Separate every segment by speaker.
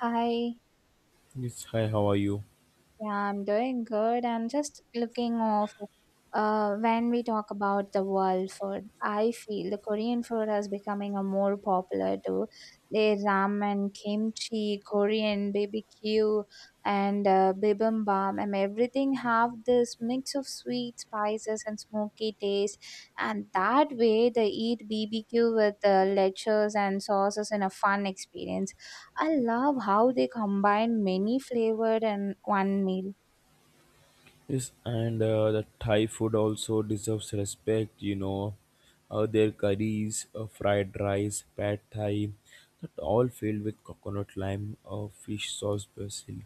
Speaker 1: Hi,
Speaker 2: Yes, hi, how are you?
Speaker 1: yeah, I'm doing good. I'm just looking off. When we talk about the world food, I feel the Korean food is becoming a more popular too. They ramen, kimchi, Korean BBQ, and bibimbap, and everything have this mix of sweet spices and smoky taste. And that way, they eat BBQ with lectures and sauces in a fun experience. I love how they combine many flavored in one meal.
Speaker 2: Yes, and the Thai food also deserves respect, you know. Their curries, fried rice, pad thai, that all filled with coconut lime, fish sauce, basil,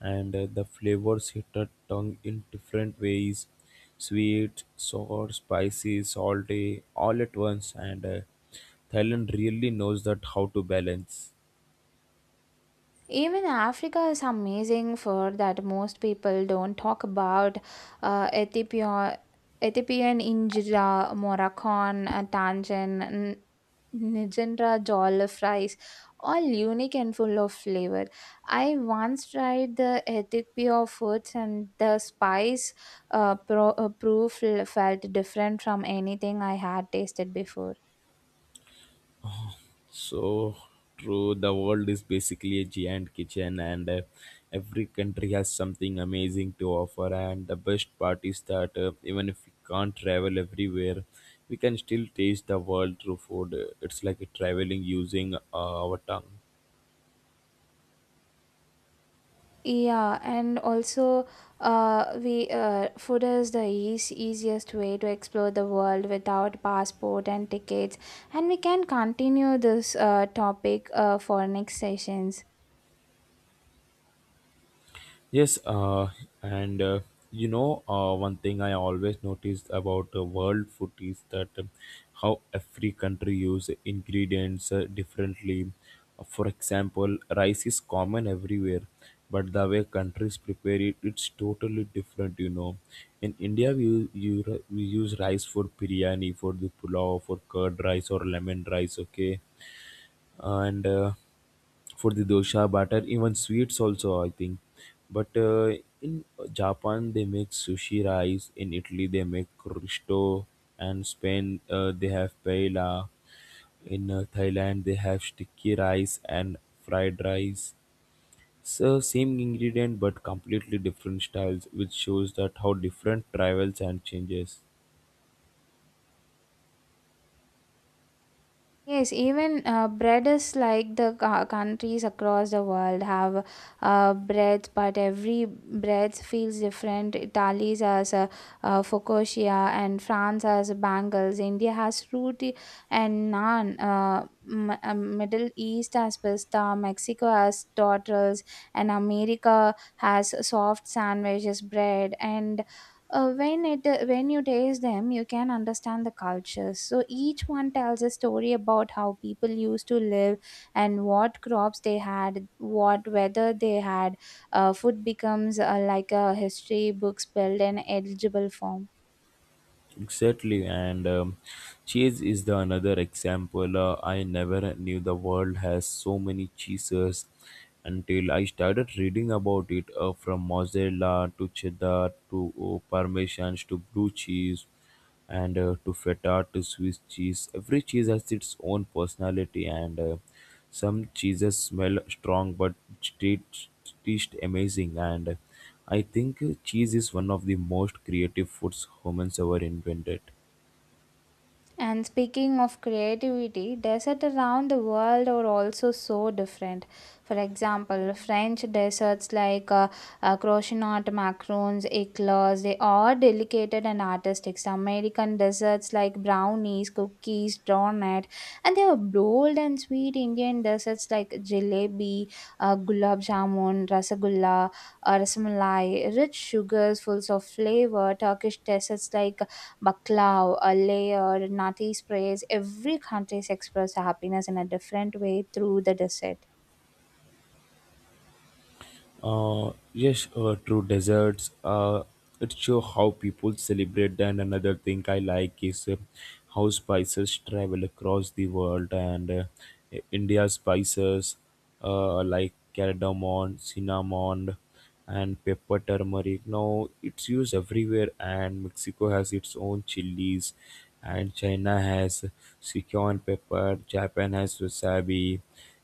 Speaker 2: and the flavors hit the tongue in different ways sweet, sour, spicy, salty, all at once. And Thailand really knows that how to balance.
Speaker 1: Even Africa is amazing for that most people don't talk about Ethiopia, Ethiopian injera, Moroccan, Tangian, Nigendra jollof rice, all unique and full of flavor. I once tried the Ethiopia foods and the spice proof felt different from anything I had tasted before.
Speaker 2: So true, the world is basically a giant kitchen, and every country has something amazing to offer. And the best part is that even if we can't travel everywhere, we can still taste the world through food. It's like traveling using our tongue.
Speaker 1: Yeah, and also, we food is the easiest way to explore the world without passport and tickets, and we can continue this topic for next sessions.
Speaker 2: Yes, and you know, one thing I always noticed about world food is that how every country use ingredients differently. For example, rice is common everywhere, but the way countries prepare it, it's totally different. You know, in India we use rice for biryani, for the pulao, for curd rice or lemon rice. Okay, and for the dosha batter even sweets also I think but in japan they make sushi rice. In italy they make risotto, and spain they have paella. In thailand they have sticky rice and fried rice. So same ingredient but completely different styles, which shows that how different travels and changes.
Speaker 1: Yes, even bread is like the countries across the world have breads, but every bread feels different. Italy has focaccia, and France has bangles. India has fruity and naan. Middle East has pista. Mexico has tortillas, and America has soft sandwiches, bread, and when you taste them you can understand the cultures, so each one tells a story about how people used to live and what crops they had, what weather they had. Food becomes like a history book spelled in edible form.
Speaker 2: Exactly, and cheese is the another example. I never knew the world has so many cheeses until I started reading about it from mozzarella to cheddar to parmesan to blue cheese and to feta to Swiss cheese. Every cheese has its own personality, and some cheeses smell strong but taste taste amazing. And I think cheese is one of the most creative foods humans ever invented.
Speaker 1: And speaking of creativity, deserts around the world are also so different. For example, French desserts like croissant, macarons, eclairs, they are delicate and artistic. American desserts like brownies, cookies, donut, and they are bold and sweet. Indian desserts like jalebi, gulab jamun, rasagulla, rasmalai, rich sugars full of flavor. Turkish desserts like baklava, a layer, nati sprays. Every country expresses happiness in a different way through the dessert.
Speaker 2: Yes, true deserts. It show how people celebrate. And another thing I like is how spices travel across the world, and India spices like cardamom, cinnamon and pepper turmeric. Now it's used everywhere, and Mexico has its own chilies, and China has Sichuan pepper, Japan has wasabi,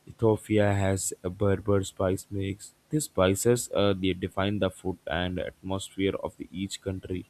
Speaker 2: Ethiopia has a Berber spice mix. These spices they define the food and atmosphere of the, each country.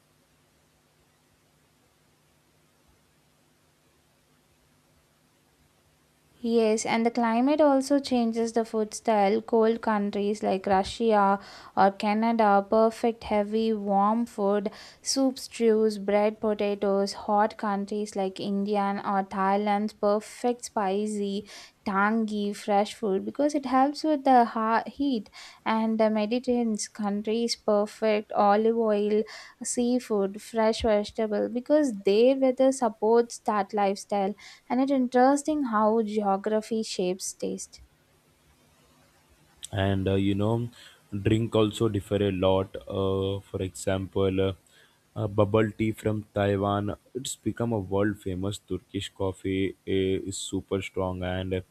Speaker 1: Yes, and the climate also changes the food style. Cold countries like Russia or Canada perfect heavy warm food, soups, stews, bread, potatoes. Hot countries like India or Thailand perfect spicy, tangy, fresh food because it helps with the heat. And the Mediterranean countries perfect olive oil, seafood, fresh vegetable because their weather supports that lifestyle, and it's interesting how geography shapes taste.
Speaker 2: And You know drink also differ a lot, for example, bubble tea from taiwan, it's become a world famous. Turkish coffee is super strong, and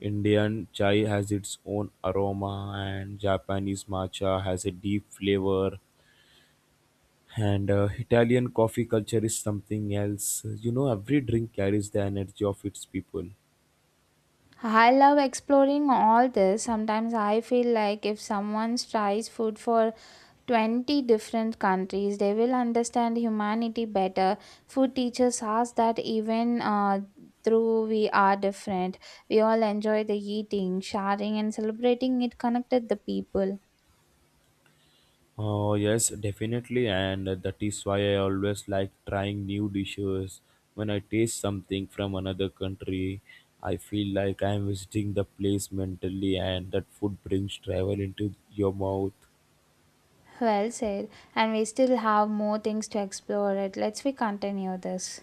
Speaker 2: indian chai has its own aroma, and japanese matcha has a deep flavor, and italian coffee culture is something else. You know every drink carries the energy of its people.
Speaker 1: I love exploring all this. Sometimes I feel like if someone tries food for 20 different countries, they will understand humanity better. Food teaches us that even through we are different, we all enjoy the eating, sharing, and celebrating it connected the people.
Speaker 2: Oh, yes, definitely. And that is why I always like trying new dishes. When I taste something from another country, I feel like I am visiting the place mentally, and that food brings travel into your mouth.
Speaker 1: Well said. And we still have more things to explore it. Let's we continue this.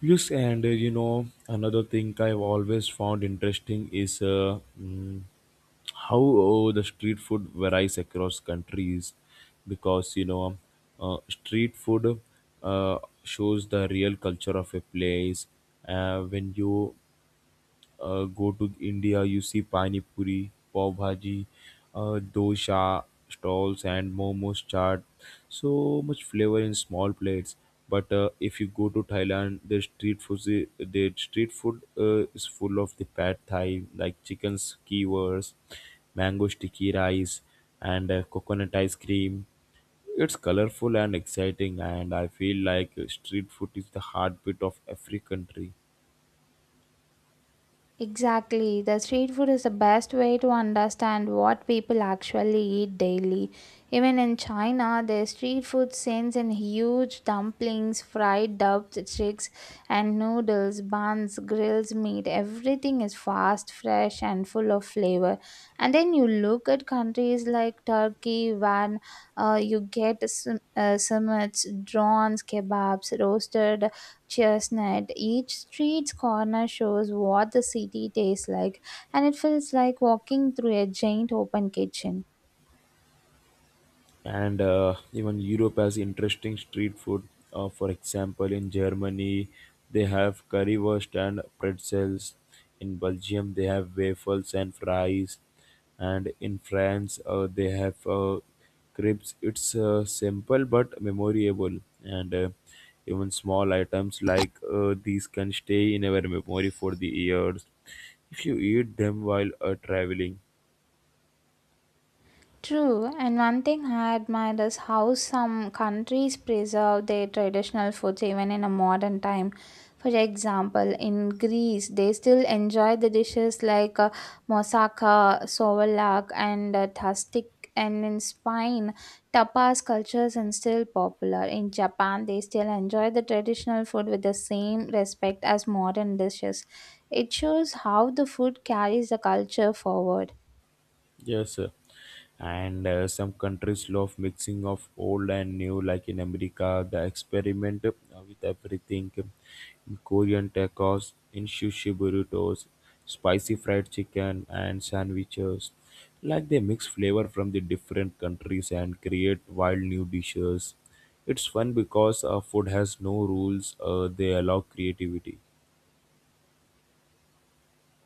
Speaker 2: Yes, and you know, another thing I've always found interesting is how the street food varies across countries, because you know, street food shows the real culture of a place. When you go to India, you see pani puri, pav bhaji, dosha stalls, and momos chaat. So much flavor in small plates. But if you go to Thailand, the street food is full of the pad Thai, like chicken skewers, mango sticky rice, and coconut ice cream. It's colorful and exciting, and I feel like street food is the heartbeat of every country.
Speaker 1: Exactly. The street food is the best way to understand what people actually eat daily. Even in China, their street food sends in huge dumplings, fried chicks, and noodles, buns, grills, meat. Everything is fast, fresh, and full of flavor. And then you look at countries like Turkey, when you get summits, drones, kebabs, roasted chestnut. Each street's corner shows what the city tastes like, and it feels like walking through a giant open kitchen.
Speaker 2: And even Europe has interesting street food. For example, in Germany, they have currywurst and pretzels. In Belgium, they have waffles and fries, and in France, they have crepes. It's simple but memorable, and even small items like these can stay in our memory for the years if you eat them while traveling.
Speaker 1: True, and one thing I admire is how some countries preserve their traditional foods even in a modern time. For example, in Greece, they still enjoy the dishes like moussaka, souvlaki, and tastic. And in Spain, tapas cultures are still popular. In Japan, they still enjoy the traditional food with the same respect as modern dishes. It shows how the food carries the culture forward.
Speaker 2: Yes, sir. And some countries love mixing of old and new, like in America, the experiment with everything. In Korean tacos, in sushi burritos, spicy fried chicken, and sandwiches. Like they mix flavor from the different countries and create wild new dishes. It's fun because food has no rules; they allow creativity.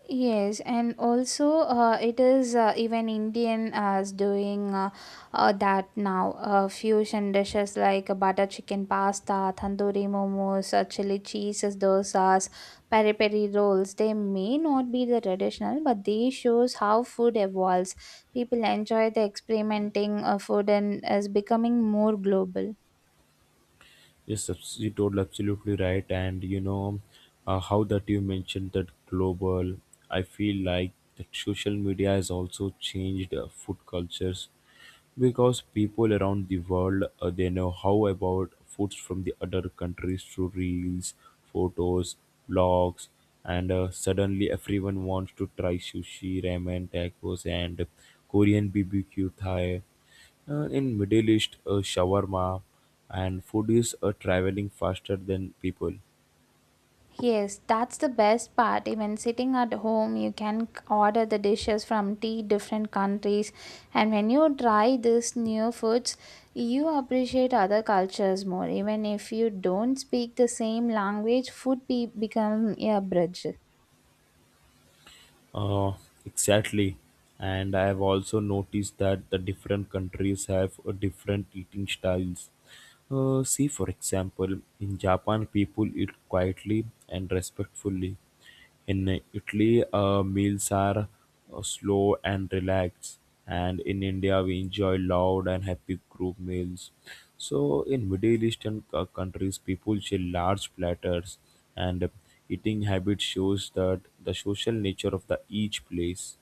Speaker 1: Yes, and also it is even Indian is doing that now. Fusion dishes like butter chicken pasta, tandoori momos, chili cheeses, dosas, peri peri rolls. They may not be the traditional, but they shows how food evolves. People enjoy the experimenting food and is becoming more global.
Speaker 2: Yes, you told absolutely right. And you know how that you mentioned that global. I feel like that social media has also changed food cultures, because people around the world they know how about foods from the other countries through reels, photos, blogs, and suddenly everyone wants to try sushi, ramen, tacos, and Korean BBQ Thai in Middle East, shawarma, and food is traveling faster than people.
Speaker 1: Yes, that's the best part. Even sitting at home, you can order the dishes from tea different countries. And when you try these new foods, you appreciate other cultures more. Even if you don't speak the same language, food become a bridge.
Speaker 2: Uh, exactly. And I have also noticed that the different countries have different eating styles. See, for example, in Japan, people eat quietly and respectfully. In Italy, meals are slow and relaxed, and in India, we enjoy loud and happy group meals. So, in Middle Eastern countries, people share large platters, and eating habit shows that the social nature of the each place.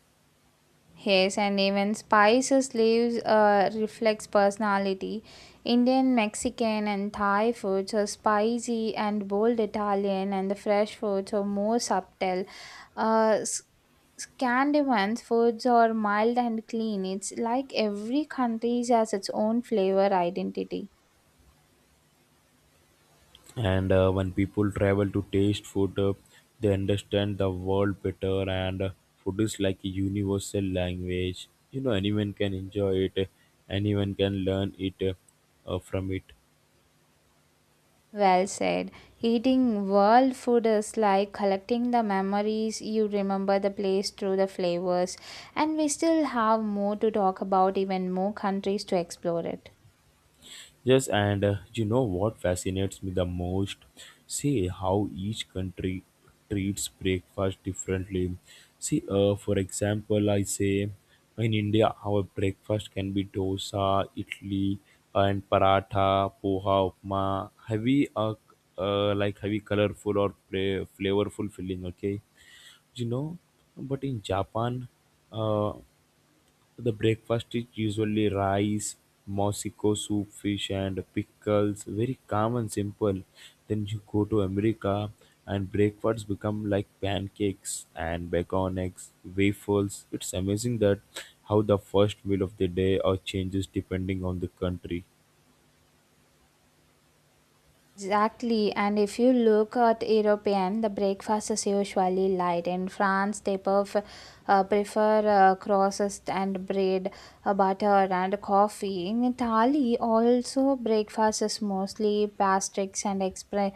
Speaker 1: Yes, and even spices leaves reflects personality. Indian, Mexican, and Thai foods are spicy and bold Italian, and the fresh foods are more subtle. Uh, S- Scandinavian foods are mild and clean. It's like every country has its own flavor identity.
Speaker 2: And when people travel to taste food they understand the world better, and food is like a universal language. You know anyone can enjoy it, anyone can learn it, from it.
Speaker 1: Well said. Eating world food is like collecting the memories. You remember the place through the flavors, and we still have more to talk about, even more countries to explore it.
Speaker 2: Yes, and you know what fascinates me the most? See how each country treats breakfast differently. See, for example, I say in India, our breakfast can be dosa, idli, and paratha, poha, upma, heavy, like heavy, colorful or flavorful filling. Okay, you know, but in Japan, uh, the breakfast is usually rice, Mexico soup, fish, and pickles. Very calm and simple. Then you go to America, and breakfasts become like pancakes and bacon eggs, waffles. It's amazing that how the first meal of the day or changes depending on the country.
Speaker 1: Exactly, and if you look at European, the breakfast is usually light. In France, they prefer crosses and bread, butter, and coffee. In Italy, also breakfast is mostly pastries and expre-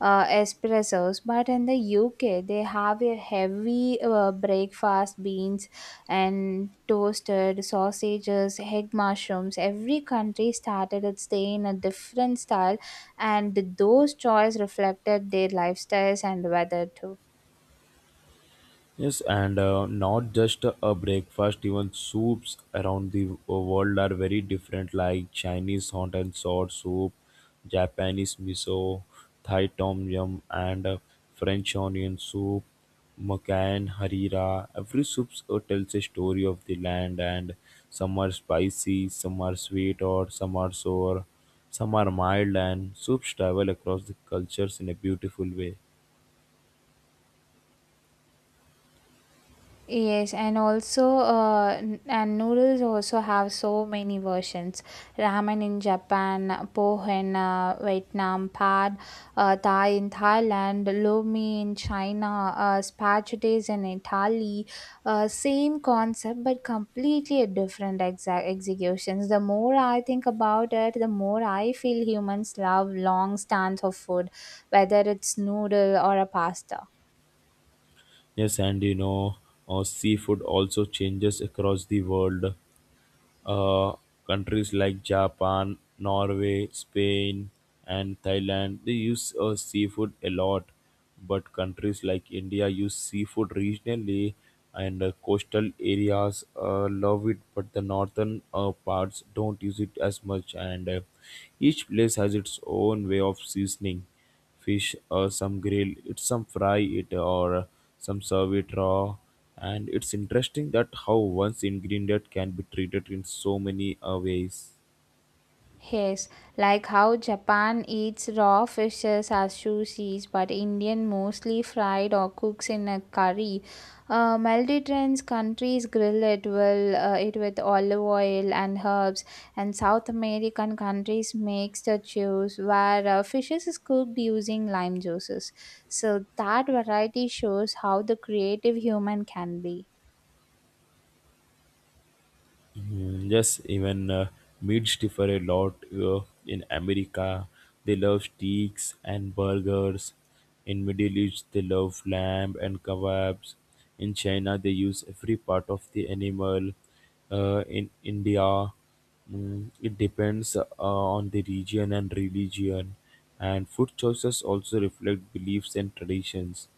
Speaker 1: uh, espressos. But in the UK, they have a heavy breakfast beans and toasted sausages, egg mushrooms. Every country started its day in a different style, and those choices reflected their lifestyles and weather too.
Speaker 2: Yes, and not just a breakfast, even soups around the world are very different, like Chinese hot and sour soup, Japanese miso, Thai tom yum, and French onion soup, Makan, Harira. Every soup tells a story of the land, and some are spicy, some are sweet, or some are sour, some are mild, and soups travel across the cultures in a beautiful way.
Speaker 1: Yes, and also and noodles also have so many versions. Ramen in Japan, poh in Vietnam, pad thai in Thailand, lo mein in China, spaghettis in Italy. Same concept, but completely different executions. The more I think about it, the more I feel humans love long stands of food, whether it's noodle or a pasta.
Speaker 2: Yes, and you know, seafood also changes across the world. Uh, Countries like Japan, Norway, Spain, and Thailand they use seafood a lot, but countries like India use seafood regionally, and coastal areas love it, but the northern parts don't use it as much. And Each place has its own way of seasoning fish. Or some grill it, some fry it, or some serve it raw, and it's interesting that how one ingredient can be treated in so many ways.
Speaker 1: Yes, like how Japan eats raw fishes as sushis, but Indian mostly fried or cooks in a curry. Mediterranean countries grill it well, it with olive oil and herbs, and South American countries makes the juice where fishes is cooked using lime juices. So that variety shows how the creative human can be.
Speaker 2: Mm, yes, even meats differ a lot. In america they love steaks and burgers. In middle east they love lamb and kebabs. In china they use every part of the animal. In india, mm, it depends on the region and religion, and food choices also reflect beliefs and traditions.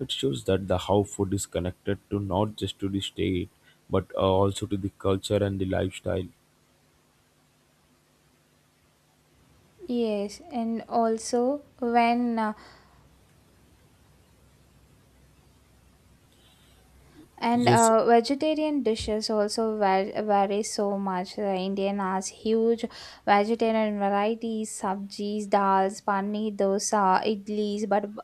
Speaker 2: It shows that the how food is connected to not just to the state, but also to the culture and the lifestyle.
Speaker 1: Yes, and also when And
Speaker 2: Yes.
Speaker 1: Vegetarian dishes also vary so much. The Indian has huge vegetarian varieties, sabjis, dals, pani, dosa, idlis, but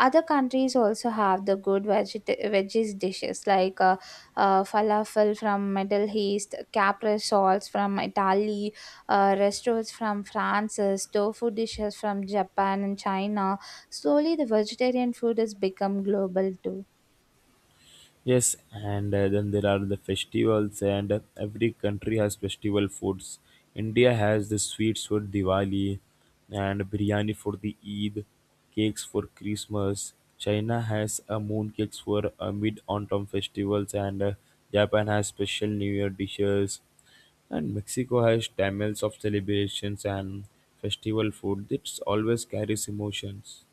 Speaker 1: other countries also have the good veggies dishes like falafel from Middle East, capra salts from Italy, restaurants from France, tofu dishes from Japan and China. Slowly, the vegetarian food has become global too.
Speaker 2: Yes, and then there are the festivals, and every country has festival foods. India has the sweets for Diwali, and biryani for the Eid, cakes for Christmas. China has moon cakes for mid autumn festivals, and Japan has special New Year dishes, and Mexico has tamales of celebrations, and festival food that always carries emotions.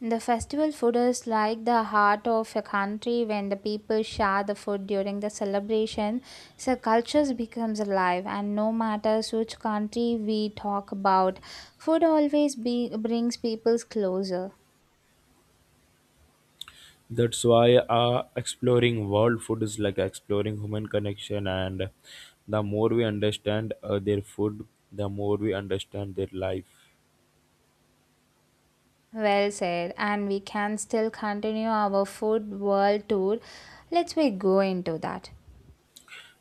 Speaker 1: The festival food is like the heart of a country when the people share the food during the celebration. So cultures becomes alive, and no matter which country we talk about, food always brings peoples closer.
Speaker 2: That's why exploring world food is like exploring human connection, and the more we understand their food, the more we understand their life.
Speaker 1: Well said, and we can still continue our food world tour. Let's we go into that.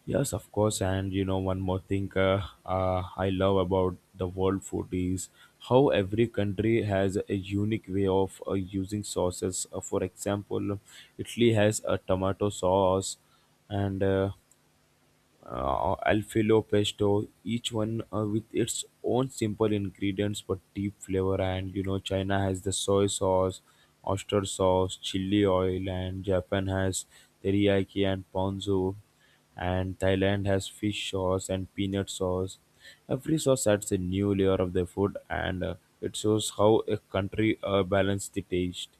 Speaker 2: Yes, of course, and you know one more thing, I love about the world food is how every country has a unique way of using sauces. For example, Italy has a tomato sauce, and alfilo pesto, each one with its own simple ingredients but deep flavor. And you know china has the soy sauce, oyster sauce, chili oil, and japan has teriyaki and ponzu, and thailand has fish sauce and peanut sauce. Every sauce adds a new layer of the food, and it shows how a country balances the taste.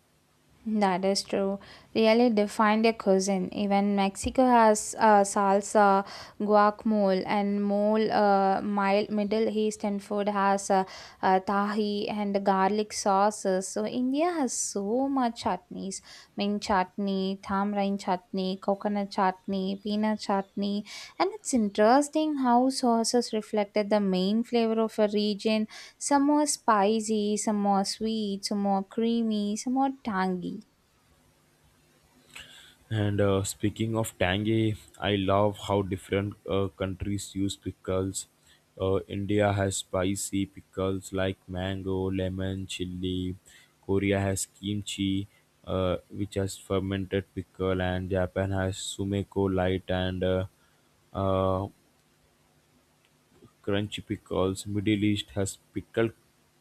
Speaker 1: That is true. Really defined a cuisine. Even Mexico has salsa, guacamole, and mole. Mild Middle Eastern food has tahi and garlic sauces. So India has so much chutneys: mint chutney, tamarind chutney, coconut chutney, peanut chutney. And it's interesting how sauces reflected the main flavor of a region. Some more spicy, some more sweet, some more creamy, some more tangy.
Speaker 2: And speaking of tangy, I love how different countries use pickles. India has spicy pickles like mango, lemon, chili. Korea has kimchi, which has fermented pickle, and Japan has sumeko light and uh, crunchy pickles. Middle East has pickled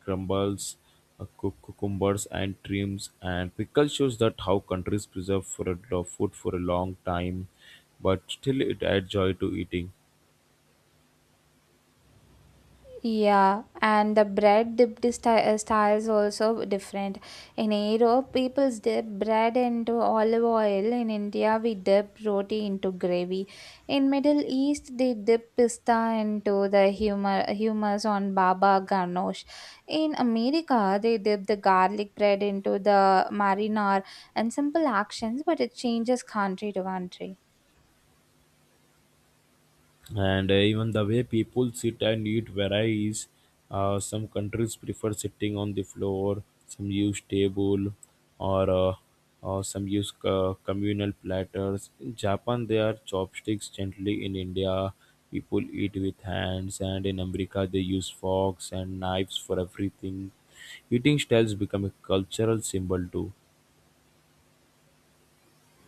Speaker 2: crumbles, cucumbers, and trims. And pickle shows that how countries preserve for a, the food for a long time, but still it adds joy to eating.
Speaker 1: Yeah, and the bread dipped styles also different. In Europe, people dip bread into olive oil. In India, we dip roti into gravy. In Middle East, they dip pista into the humor hummus on baba ganoush. In America, they dip the garlic bread into the marinar and simple actions, but it changes country to country.
Speaker 2: And Even the way people sit and eat varies. Some countries prefer sitting on the floor, some use table, or some use communal platters. In Japan, they are chopsticks gently. In India, people eat with hands, and in America they use forks and knives for everything. Eating styles become a cultural symbol too.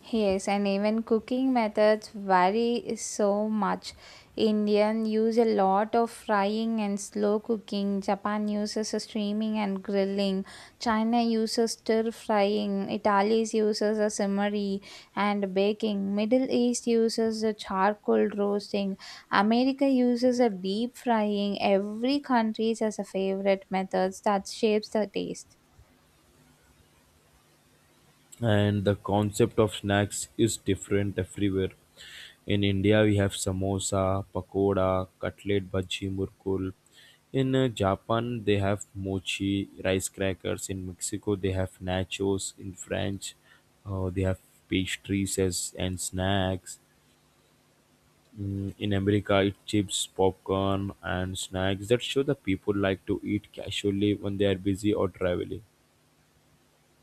Speaker 1: Yes, and even cooking methods vary so much. Indian use a lot of frying and slow cooking. Japan uses a steaming and grilling. China uses stir frying. Italy uses a simmery and baking. Middle East uses a charcoal roasting. America uses a deep frying. Every country has a favorite methods that shapes the taste.
Speaker 2: And the concept of snacks is different everywhere. In India, we have samosa, pakoda, cutlet, bhaji, murkul. In Japan they have mochi, rice crackers. In Mexico they have nachos. In French, they have pastries and snacks. In America it chips, popcorn, and snacks that show the people like to eat casually when they are busy or traveling.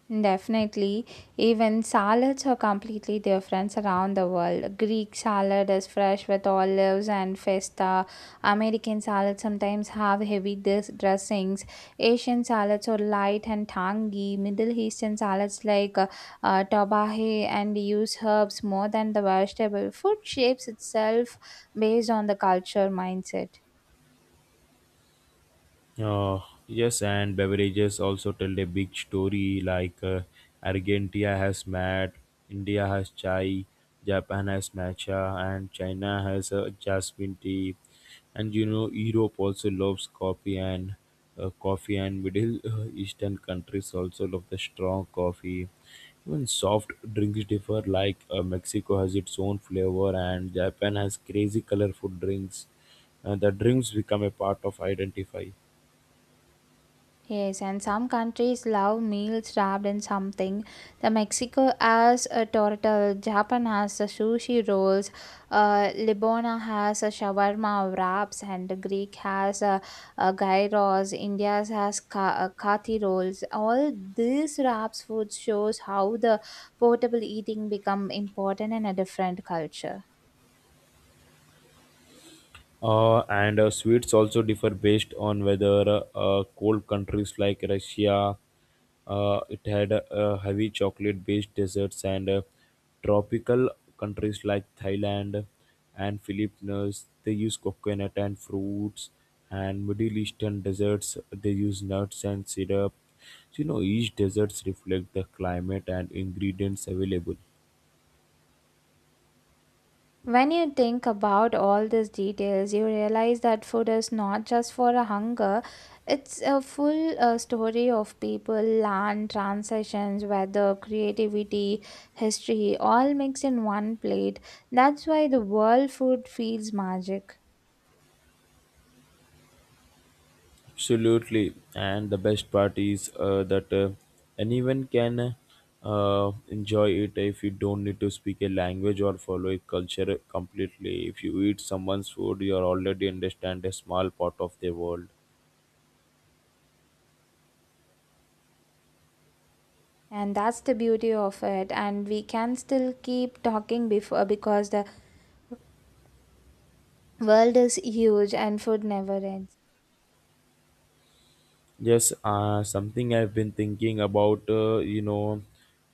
Speaker 1: Definitely. Even salads are completely different around the world. Greek salad is fresh with olives and feta. American salads sometimes have heavy dressings. Asian salads are light and tangy. Middle Eastern salads like tabahe and use herbs more than the vegetable. Food shapes itself based on the culture mindset.
Speaker 2: Uh, yes, and beverages also tell a big story. Argentina has mat, India has chai, Japan has matcha, and China has jasmine tea. And you know, Europe also loves coffee, and Middle Eastern countries also love the strong coffee. Even soft drinks differ, like Mexico has its own flavor, and Japan has crazy colorful drinks. And the drinks become a part of identify.
Speaker 1: Yes, and some countries love meals wrapped in something. The Mexico has a tortilla, Japan has a sushi rolls, Lebanon has a shawarma wraps, and the Greek has a gyros. India has kathi rolls. All these wraps food shows how the portable eating become important in a different culture.
Speaker 2: And Sweets also differ based on whether cold countries like Russia, it had heavy chocolate-based desserts, and tropical countries like Thailand and Philippines, they use coconut and fruits, and Middle Eastern desserts, they use nuts and syrup. So, you know, each desserts reflect the climate and ingredients available.
Speaker 1: When you think about all these details, you realize that food is not just for a hunger, it's a full story of people, land, transitions, weather, creativity, history, all mixed in one plate. That's why the world food feels magic.
Speaker 2: Absolutely, and the best part is that anyone can enjoy it. If you don't need to speak a language or follow a culture completely, if you eat someone's food, you are already understand a small part of the world.
Speaker 1: And that's the beauty of it. And we can still keep talking before because the world is huge and food never ends.
Speaker 2: Yes, something I've been thinking about, you know,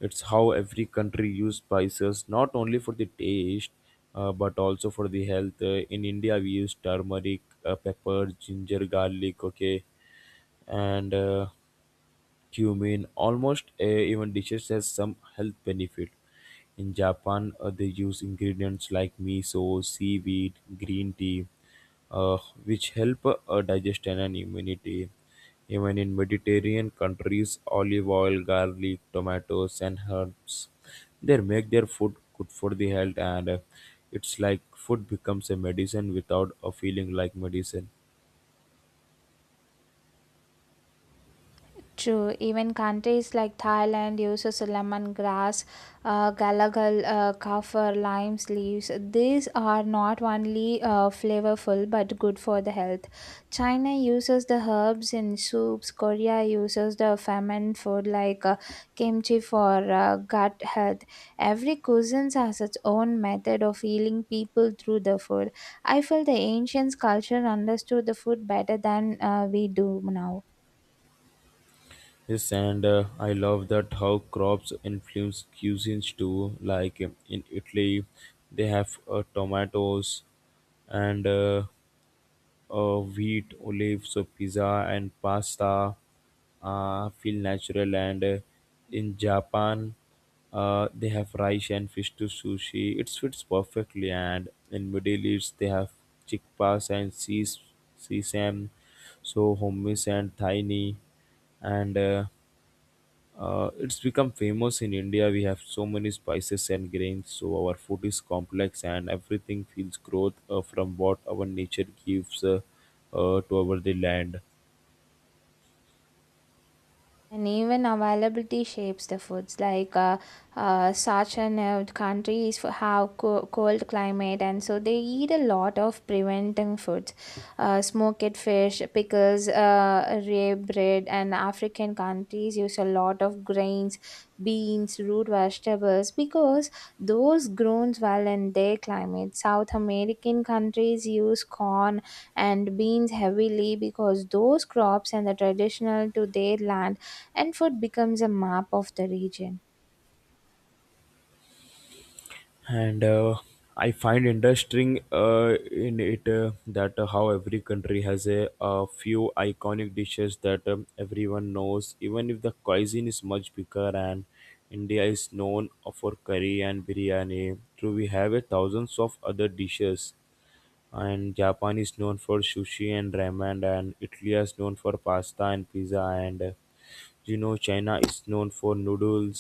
Speaker 2: it's how every country use spices not only for the taste, but also for the health. In India, we use turmeric, pepper, ginger, garlic. Okay, and cumin. Almost even dishes has some health benefit. In Japan, they use ingredients like miso, seaweed, green tea, uh, which help digestion and immunity. Even in Mediterranean countries, olive oil, garlic, tomatoes, and herbs, they make their food good for the health, and it's like food becomes a medicine without a feeling like medicine.
Speaker 1: True, even countries like Thailand uses lemongrass, galagal, kaffir, limes leaves. These are not only flavorful but good for the health. China uses the herbs in soups. Korea uses the ferment food like kimchi for gut health. Every cuisine has its own method of healing people through the food. I feel the ancient culture understood the food better than we do now.
Speaker 2: Yes, and I love that how crops influence cuisines too. Like in Italy, they have tomatoes and wheat, olives, so pizza and pasta feel natural. And in Japan, they have rice and fish to sushi. It fits perfectly. And in Middle East, they have chickpeas and sesame, so hummus and tiny, and it's become famous. In India, we have so many spices and grains, so our food is complex and everything feels growth from what our nature gives to our the land.
Speaker 1: And even availability shapes the foods. Such and countries for have cold climate, and so they eat a lot of preventing foods, smoked fish, pickles, rye bread, and African countries use a lot of grains, beans, root vegetables because those grown well in their climate. South American countries use corn and beans heavily because those crops and the traditional to their land, and food becomes a map of the region.
Speaker 2: And I find interesting in it that how every country has a few iconic dishes that everyone knows, even if the cuisine is much bigger. And India is known for curry and biryani. True, we have a thousands of other dishes, and Japan is known for sushi and ramen, and Italy is known for pasta and pizza, and you know, China is known for noodles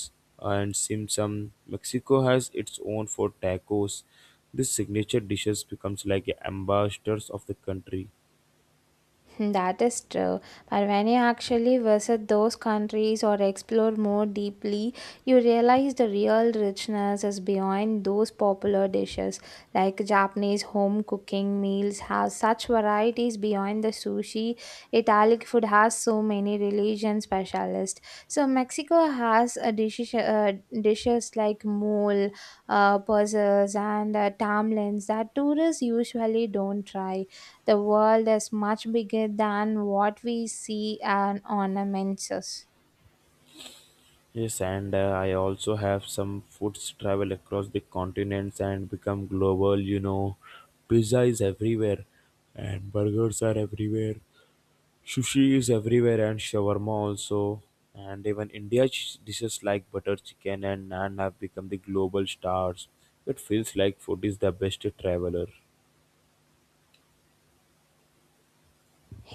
Speaker 2: and simsum. Mexico has its own for tacos. These signature dishes becomes like ambassadors of the country.
Speaker 1: Hmm, that is true. But when you actually visit those countries or explore more deeply, you realize the real richness is behind those popular dishes. Like Japanese home cooking meals have such varieties beyond the sushi. Italian food has so many religion specialists. So Mexico has a dishes, dishes like mole, puzzles, and tamales that tourists usually don't try. The world is much bigger than what we see and ornaments us.
Speaker 2: Yes, and I also have some foods travel across the continents and become global. You know, pizza is everywhere, and burgers are everywhere. Sushi is everywhere, and shawarma also. And even India dishes like butter chicken and naan have become the global stars. It feels like food is the best traveler.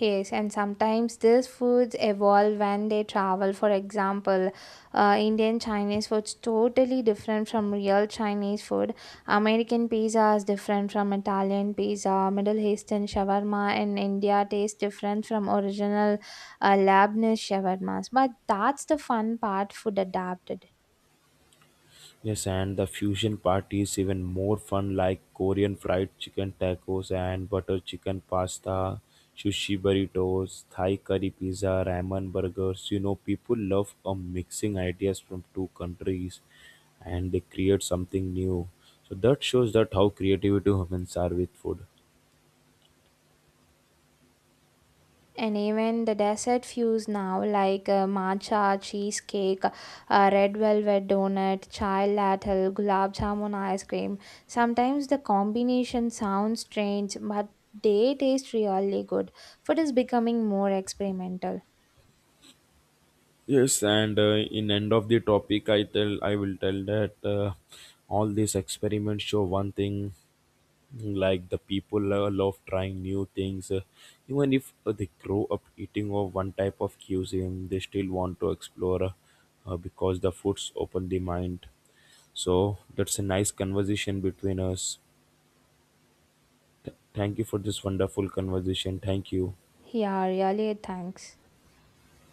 Speaker 1: Yes, and sometimes these foods evolve when they travel. For example, Indian Chinese food's totally different from real Chinese food. American pizza is different from Italian pizza. Middle Eastern shawarma in India tastes different from original Lebanese shawarmas. But that's the fun part. Food adapted.
Speaker 2: Yes, and the fusion part is even more fun, like Korean fried chicken tacos and butter chicken pasta, sushi burritos, Thai curry pizza, ramen burgers. You know, people love mixing ideas from two countries, and they create something new. So that shows that how creativity humans are with food.
Speaker 1: And even the dessert fuse now, like matcha, cheesecake, red velvet donut, chai latte, gulab jamun ice cream. Sometimes the combination sounds strange, but they taste really good. Food is becoming more experimental.
Speaker 2: Yes, and in end of the topic, I will tell that all these experiments show one thing. Like the people love trying new things, even if they grow up eating of one type of cuisine, they still want to explore, because the foods open the mind. So that's a nice conversation between us. Thank you for this wonderful conversation. Thank you.
Speaker 1: Yeah, really, thanks.